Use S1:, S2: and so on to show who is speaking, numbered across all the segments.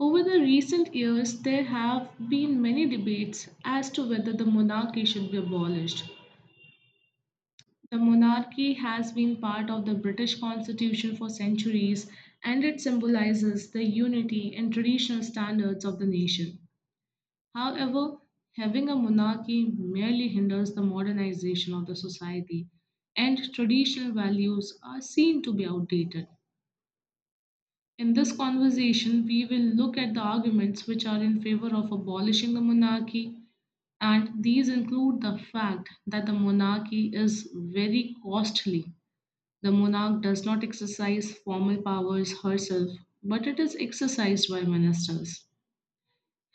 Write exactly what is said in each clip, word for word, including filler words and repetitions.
S1: Over the recent years, there have been many debates as to whether the monarchy should be abolished. The monarchy has been part of the British constitution for centuries and it symbolizes the unity and traditional standards of the nation. However, having a monarchy merely hinders the modernization of the society and traditional values are seen to be outdated. In this conversation, we will look at the arguments which are in favor of abolishing the monarchy, and these include the fact that the monarchy is very costly. The monarch does not exercise formal powers herself, but it is exercised by ministers.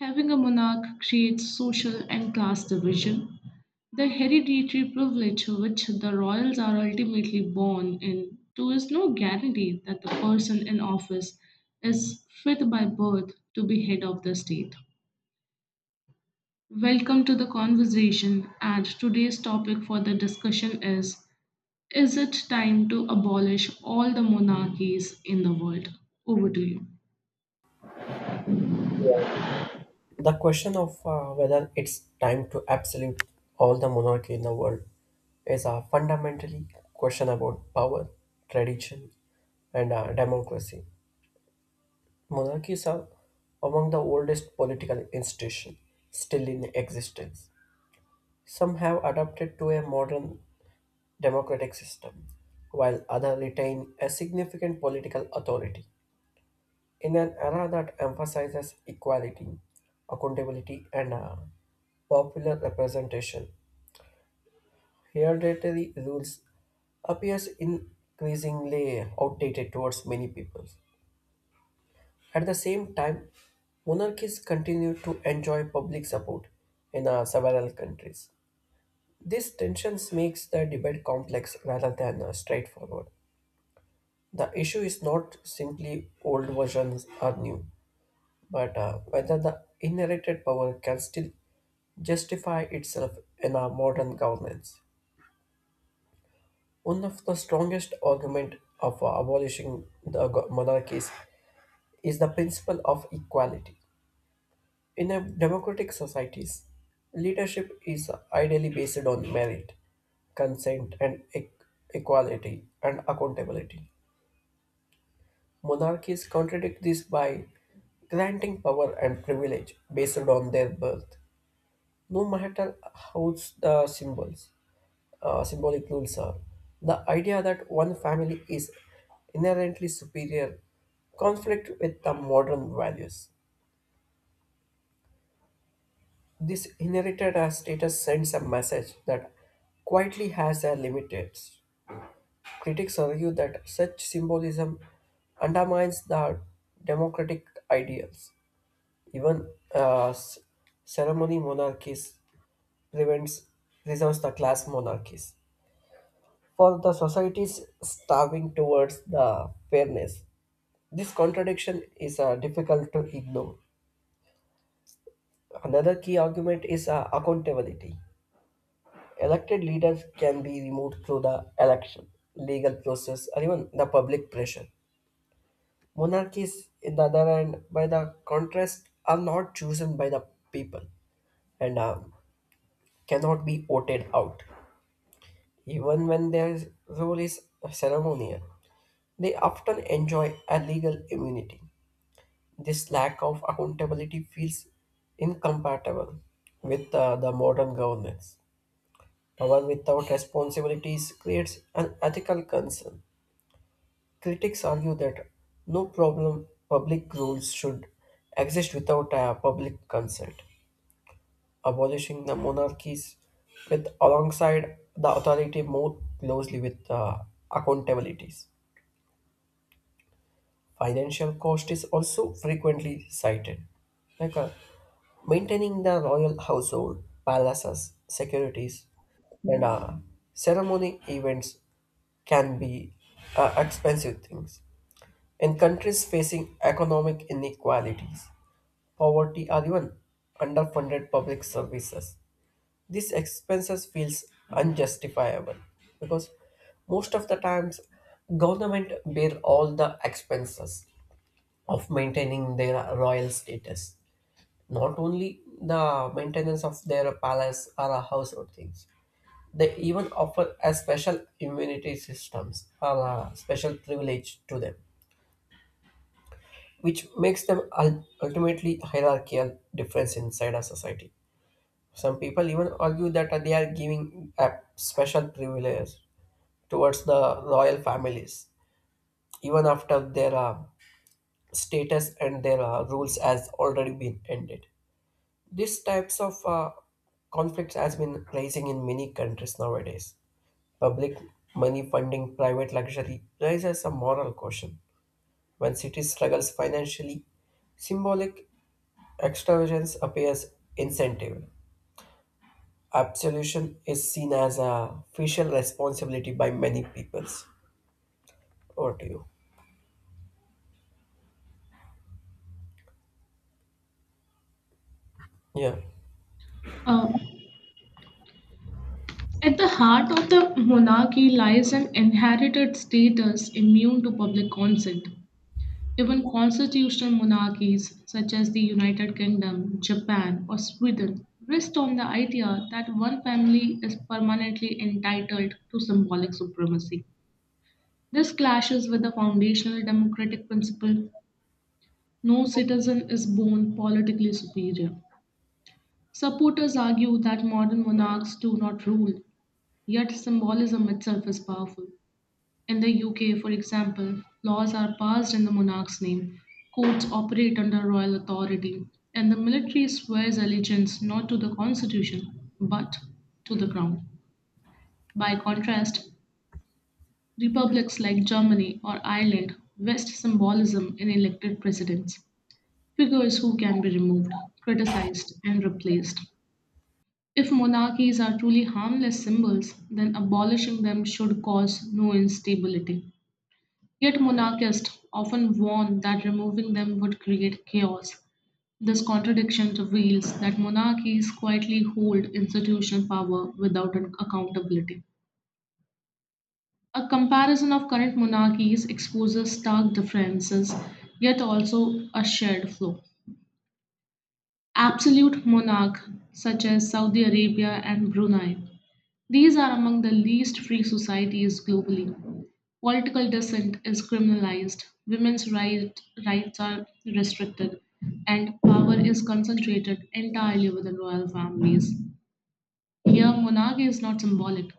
S1: Having a monarch creates social and class division, the hereditary privilege which the royals are ultimately born into is no guarantee that the person in office is fit by birth to be head of the state. Welcome to the conversation, and today's topic for the discussion is Is it time to abolish all the monarchies in the world? Over to you.
S2: Yeah. The question of uh, whether it's time to absolute all the monarchy in the world is a fundamentally question about power, tradition, and uh, democracy. Monarchies are among the oldest political institutions still in existence. Some have adapted to a modern democratic system, while others retain a significant political authority. In an era that emphasizes equality, accountability, and uh, popular representation, hereditary rules appears increasingly outdated towards many people. At the same time, monarchies continue to enjoy public support in uh, several countries. These tensions makes the debate complex rather than uh, straightforward. The issue is not simply old versions are new but uh, whether the inherited power can still justify itself in our modern governance. One of the strongest arguments of uh, abolishing the go- monarchies is the principle of equality. In a democratic societies, leadership is ideally based on merit, consent, and e- equality and accountability. Monarchies contradict this by granting power and privilege based on their birth. No matter how the symbols, uh, symbolic rules are, the idea that one family is inherently superior conflict with the modern values. This inherited as status sends a message that quietly has a limits. Critics argue that such symbolism undermines the democratic ideals. Even uh, s- ceremony monarchies prevents preserves the class monarchies for the society's starving towards the fairness. This contradiction is uh, difficult to ignore. Another key argument is uh, accountability. Elected leaders can be removed through the election, legal process, or even the public pressure. Monarchies, in the other hand, by the contrast, are not chosen by the people and uh, cannot be voted out. Even when their rule is ceremonial, they often enjoy a legal immunity. This lack of accountability feels incompatible with uh, the modern governance. Power without responsibilities creates an ethical concern. Critics argue that no problem public rules should exist without a public consent. Abolishing the monarchies with alongside the authority more closely with uh, accountabilities. Financial cost is also frequently cited, like uh, maintaining the royal household, palaces, securities, and uh, ceremony events can be uh, expensive things. In countries facing economic inequalities, poverty, or even underfunded public services, these expenses feels unjustifiable because most of the times government bear all the expenses of maintaining their royal status. Not only the maintenance of their palace or a household things, they even offer a special immunity systems or a special privilege to them, which makes them ul- ultimately hierarchical difference inside a society. Some people even argue that they are giving a special privilege towards the royal families, even after their uh, status and their uh, rules has already been ended. These types of uh, conflicts has been rising in many countries nowadays. Public money funding private luxury raises a moral question. When cities struggles financially, symbolic extravagance appears incentive. Absolution is seen as a official responsibility by many peoples. Over to you. Yeah,
S1: Uh, at the heart of the monarchy lies an inherited status immune to public consent. Even constitutional monarchies such as the United Kingdom, Japan, or Sweden rest on the idea that one family is permanently entitled to symbolic supremacy. This clashes with the foundational democratic principle: no citizen is born politically superior. Supporters argue that modern monarchs do not rule, yet symbolism itself is powerful. In the U K, for example, laws are passed in the monarch's name, courts operate under royal authority, and the military swears allegiance not to the constitution but to the crown. By contrast, republics like Germany or Ireland vest symbolism in elected presidents, figures who can be removed, criticized, and replaced. If monarchies are truly harmless symbols, then abolishing them should cause no instability. Yet monarchists often warned that removing them would create chaos. This contradiction reveals that monarchies quietly hold institutional power without an accountability. A comparison of current monarchies exposes stark differences, yet also a shared flaw: absolute monarchs such as Saudi Arabia and Brunei. These are among the least free societies globally. Political dissent is criminalized, women's right, rights are restricted, and power is concentrated entirely within royal families. Here, monarchy is not symbolic,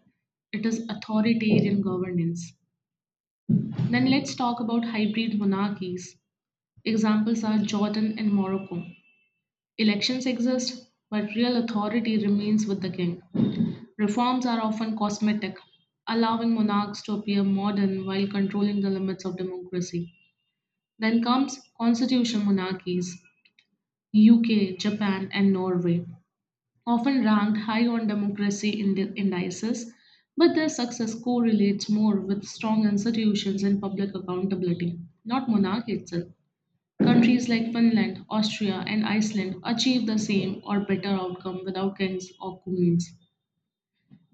S1: it is authoritarian governance. Then let's talk about hybrid monarchies. Examples are Jordan and Morocco. Elections exist, but real authority remains with the king. Reforms are often cosmetic, allowing monarchs to appear modern while controlling the limits of democracy. Then comes constitution monarchies, U K, Japan, and Norway, often ranked high on democracy indi- indices, but their success correlates more with strong institutions and public accountability, not monarchy itself. Countries like Finland, Austria, and Iceland achieve the same or better outcome without kings or queens.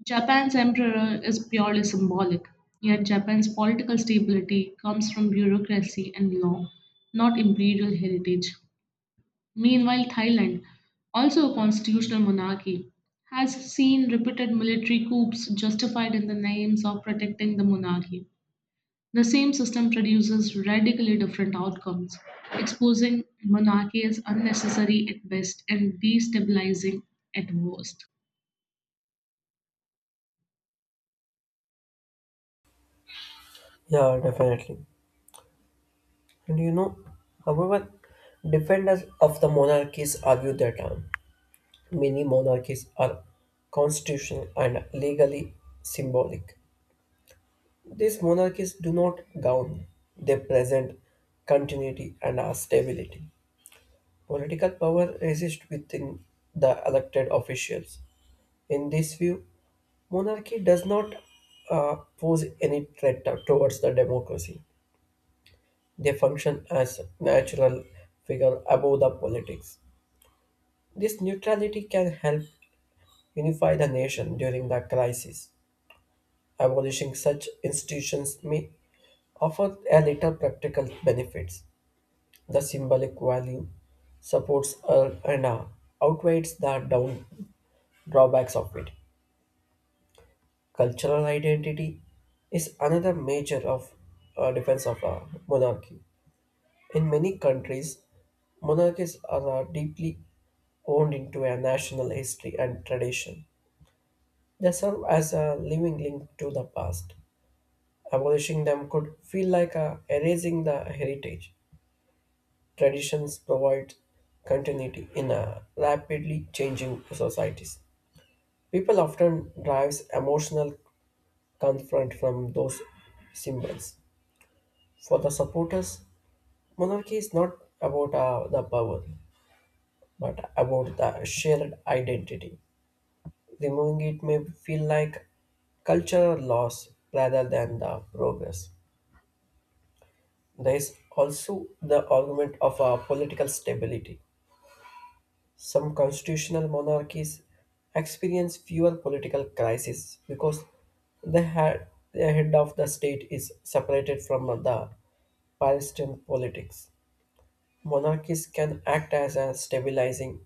S1: Japan's emperor is purely symbolic, yet Japan's political stability comes from bureaucracy and law, not imperial heritage. Meanwhile, Thailand, also a constitutional monarchy, has seen repeated military coups justified in the names of protecting the monarchy. The same system produces radically different outcomes, exposing monarchy as unnecessary at best and destabilizing at worst.
S2: yeah, definitely. And you know, however, defenders of the monarchies argue that. uh, Many monarchies are constitutional and legally symbolic. These monarchies do not govern, they present continuity and are stability. Political power resists within the elected officials. In this view, monarchy does not uh, pose any threat towards the democracy. They function as natural figure above the politics. This neutrality can help unify the nation during the crisis. Abolishing such institutions may offer a little practical benefits. The symbolic value supports uh, and uh, outweighs the down drawbacks of it. Cultural identity is another major of uh, defense of uh, monarchy. In many countries, monarchies are uh, deeply wound into a national history and tradition. They serve as a living link to the past. Abolishing them could feel like uh, erasing the heritage. Traditions provide continuity in a rapidly changing societies. People often derives emotional comfort from those symbols. For the supporters, monarchy is not about uh, the power, but about the shared identity. Removing it may feel like cultural loss rather than the progress. There is also the argument of uh, political stability. Some constitutional monarchies experience fewer political crises because the head, the head of the state is separated from the Palestinian politics. Monarchies can act as a stabilizing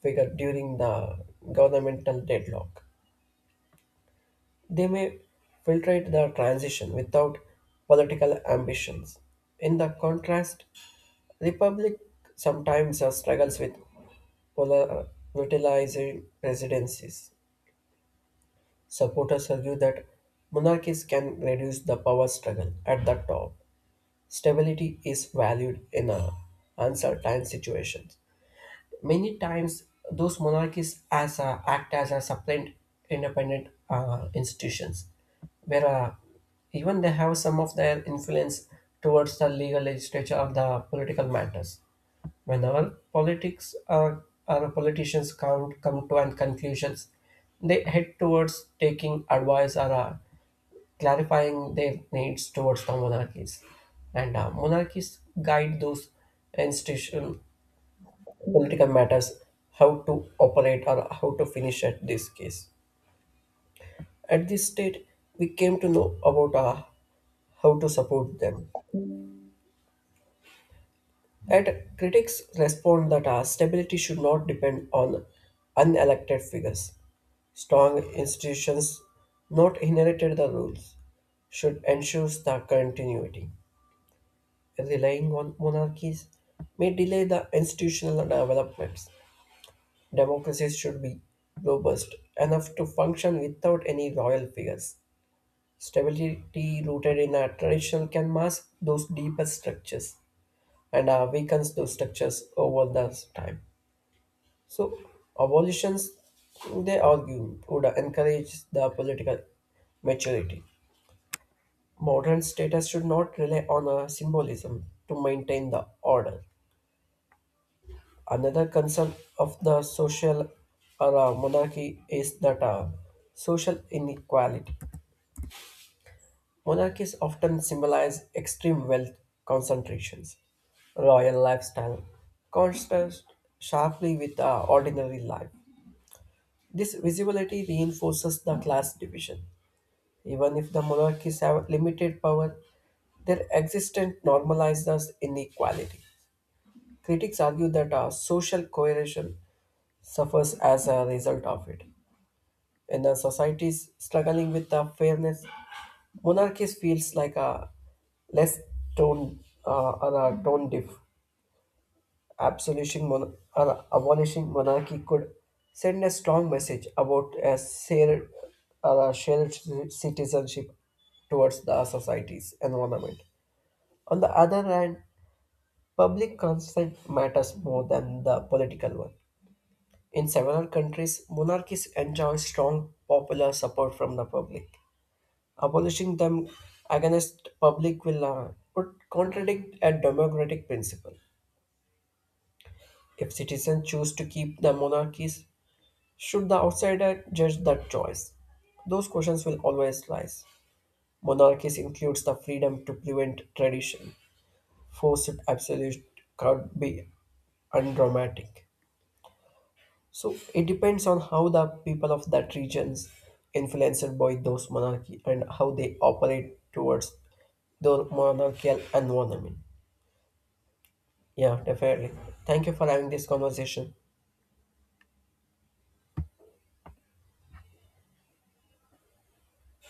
S2: figure during the governmental deadlock. They may filtrate the transition without political ambitions. In the contrast, Republic sometimes uh, struggles with polar- volatilizing presidencies. Supporters argue that monarchies can reduce the power struggle at the top. Stability is valued in uh, uncertain situations. Many times, those monarchies as uh, act as a supplant independent uh, institutions, where uh, even they have some of their influence towards the legal legislature or the political matters. Whenever politics or, or politicians come, come to and conclusions, they head towards taking advice or uh, clarifying their needs towards the monarchies. And uh, monarchies guide those institutions political matters, how to operate or how to finish at this case. At this state, we came to know about uh, how to support them. And critics respond that uh, stability should not depend on unelected figures. Strong institutions, not inherited the rules, should ensure the continuity. Relying on monarchies may delay the institutional developments. Democracies should be robust enough to function without any royal figures. Stability rooted in a tradition can mask those deeper structures and uh, weakens those structures over the time. So, abolitions, they argue, would encourage the political maturity. Modern status should not rely on a symbolism to maintain the order. Another concern of the social or uh, monarchy is that uh, social inequality. Monarchies often symbolize extreme wealth concentrations, royal lifestyle, contrast sharply with uh, ordinary life. This visibility reinforces the class division. Even if the monarchies have limited power, their existence normalizes inequality. Critics argue that uh, social coercion suffers as a result of it. When a society is struggling with uh, fairness, monarchy feels like a less tone uh, or a tone diff. Absolution mon- or abolishing monarchy could send a strong message about a shared, or a shared ci- citizenship towards the society's environment. On the other hand, public consent matters more than the political one. In several countries, monarchies enjoy strong popular support from the public. Abolishing them against public will uh, would contradict a democratic principle. If citizens choose to keep the monarchies, should the outsider judge that choice? Those questions will always rise. Monarchies includes the freedom to prevent tradition. Forced absolute could be undramatic. So it depends on how the people of that regions influenced by those monarchy and how they operate towards the monarchical environment. Yeah, definitely. Thank you for having this conversation.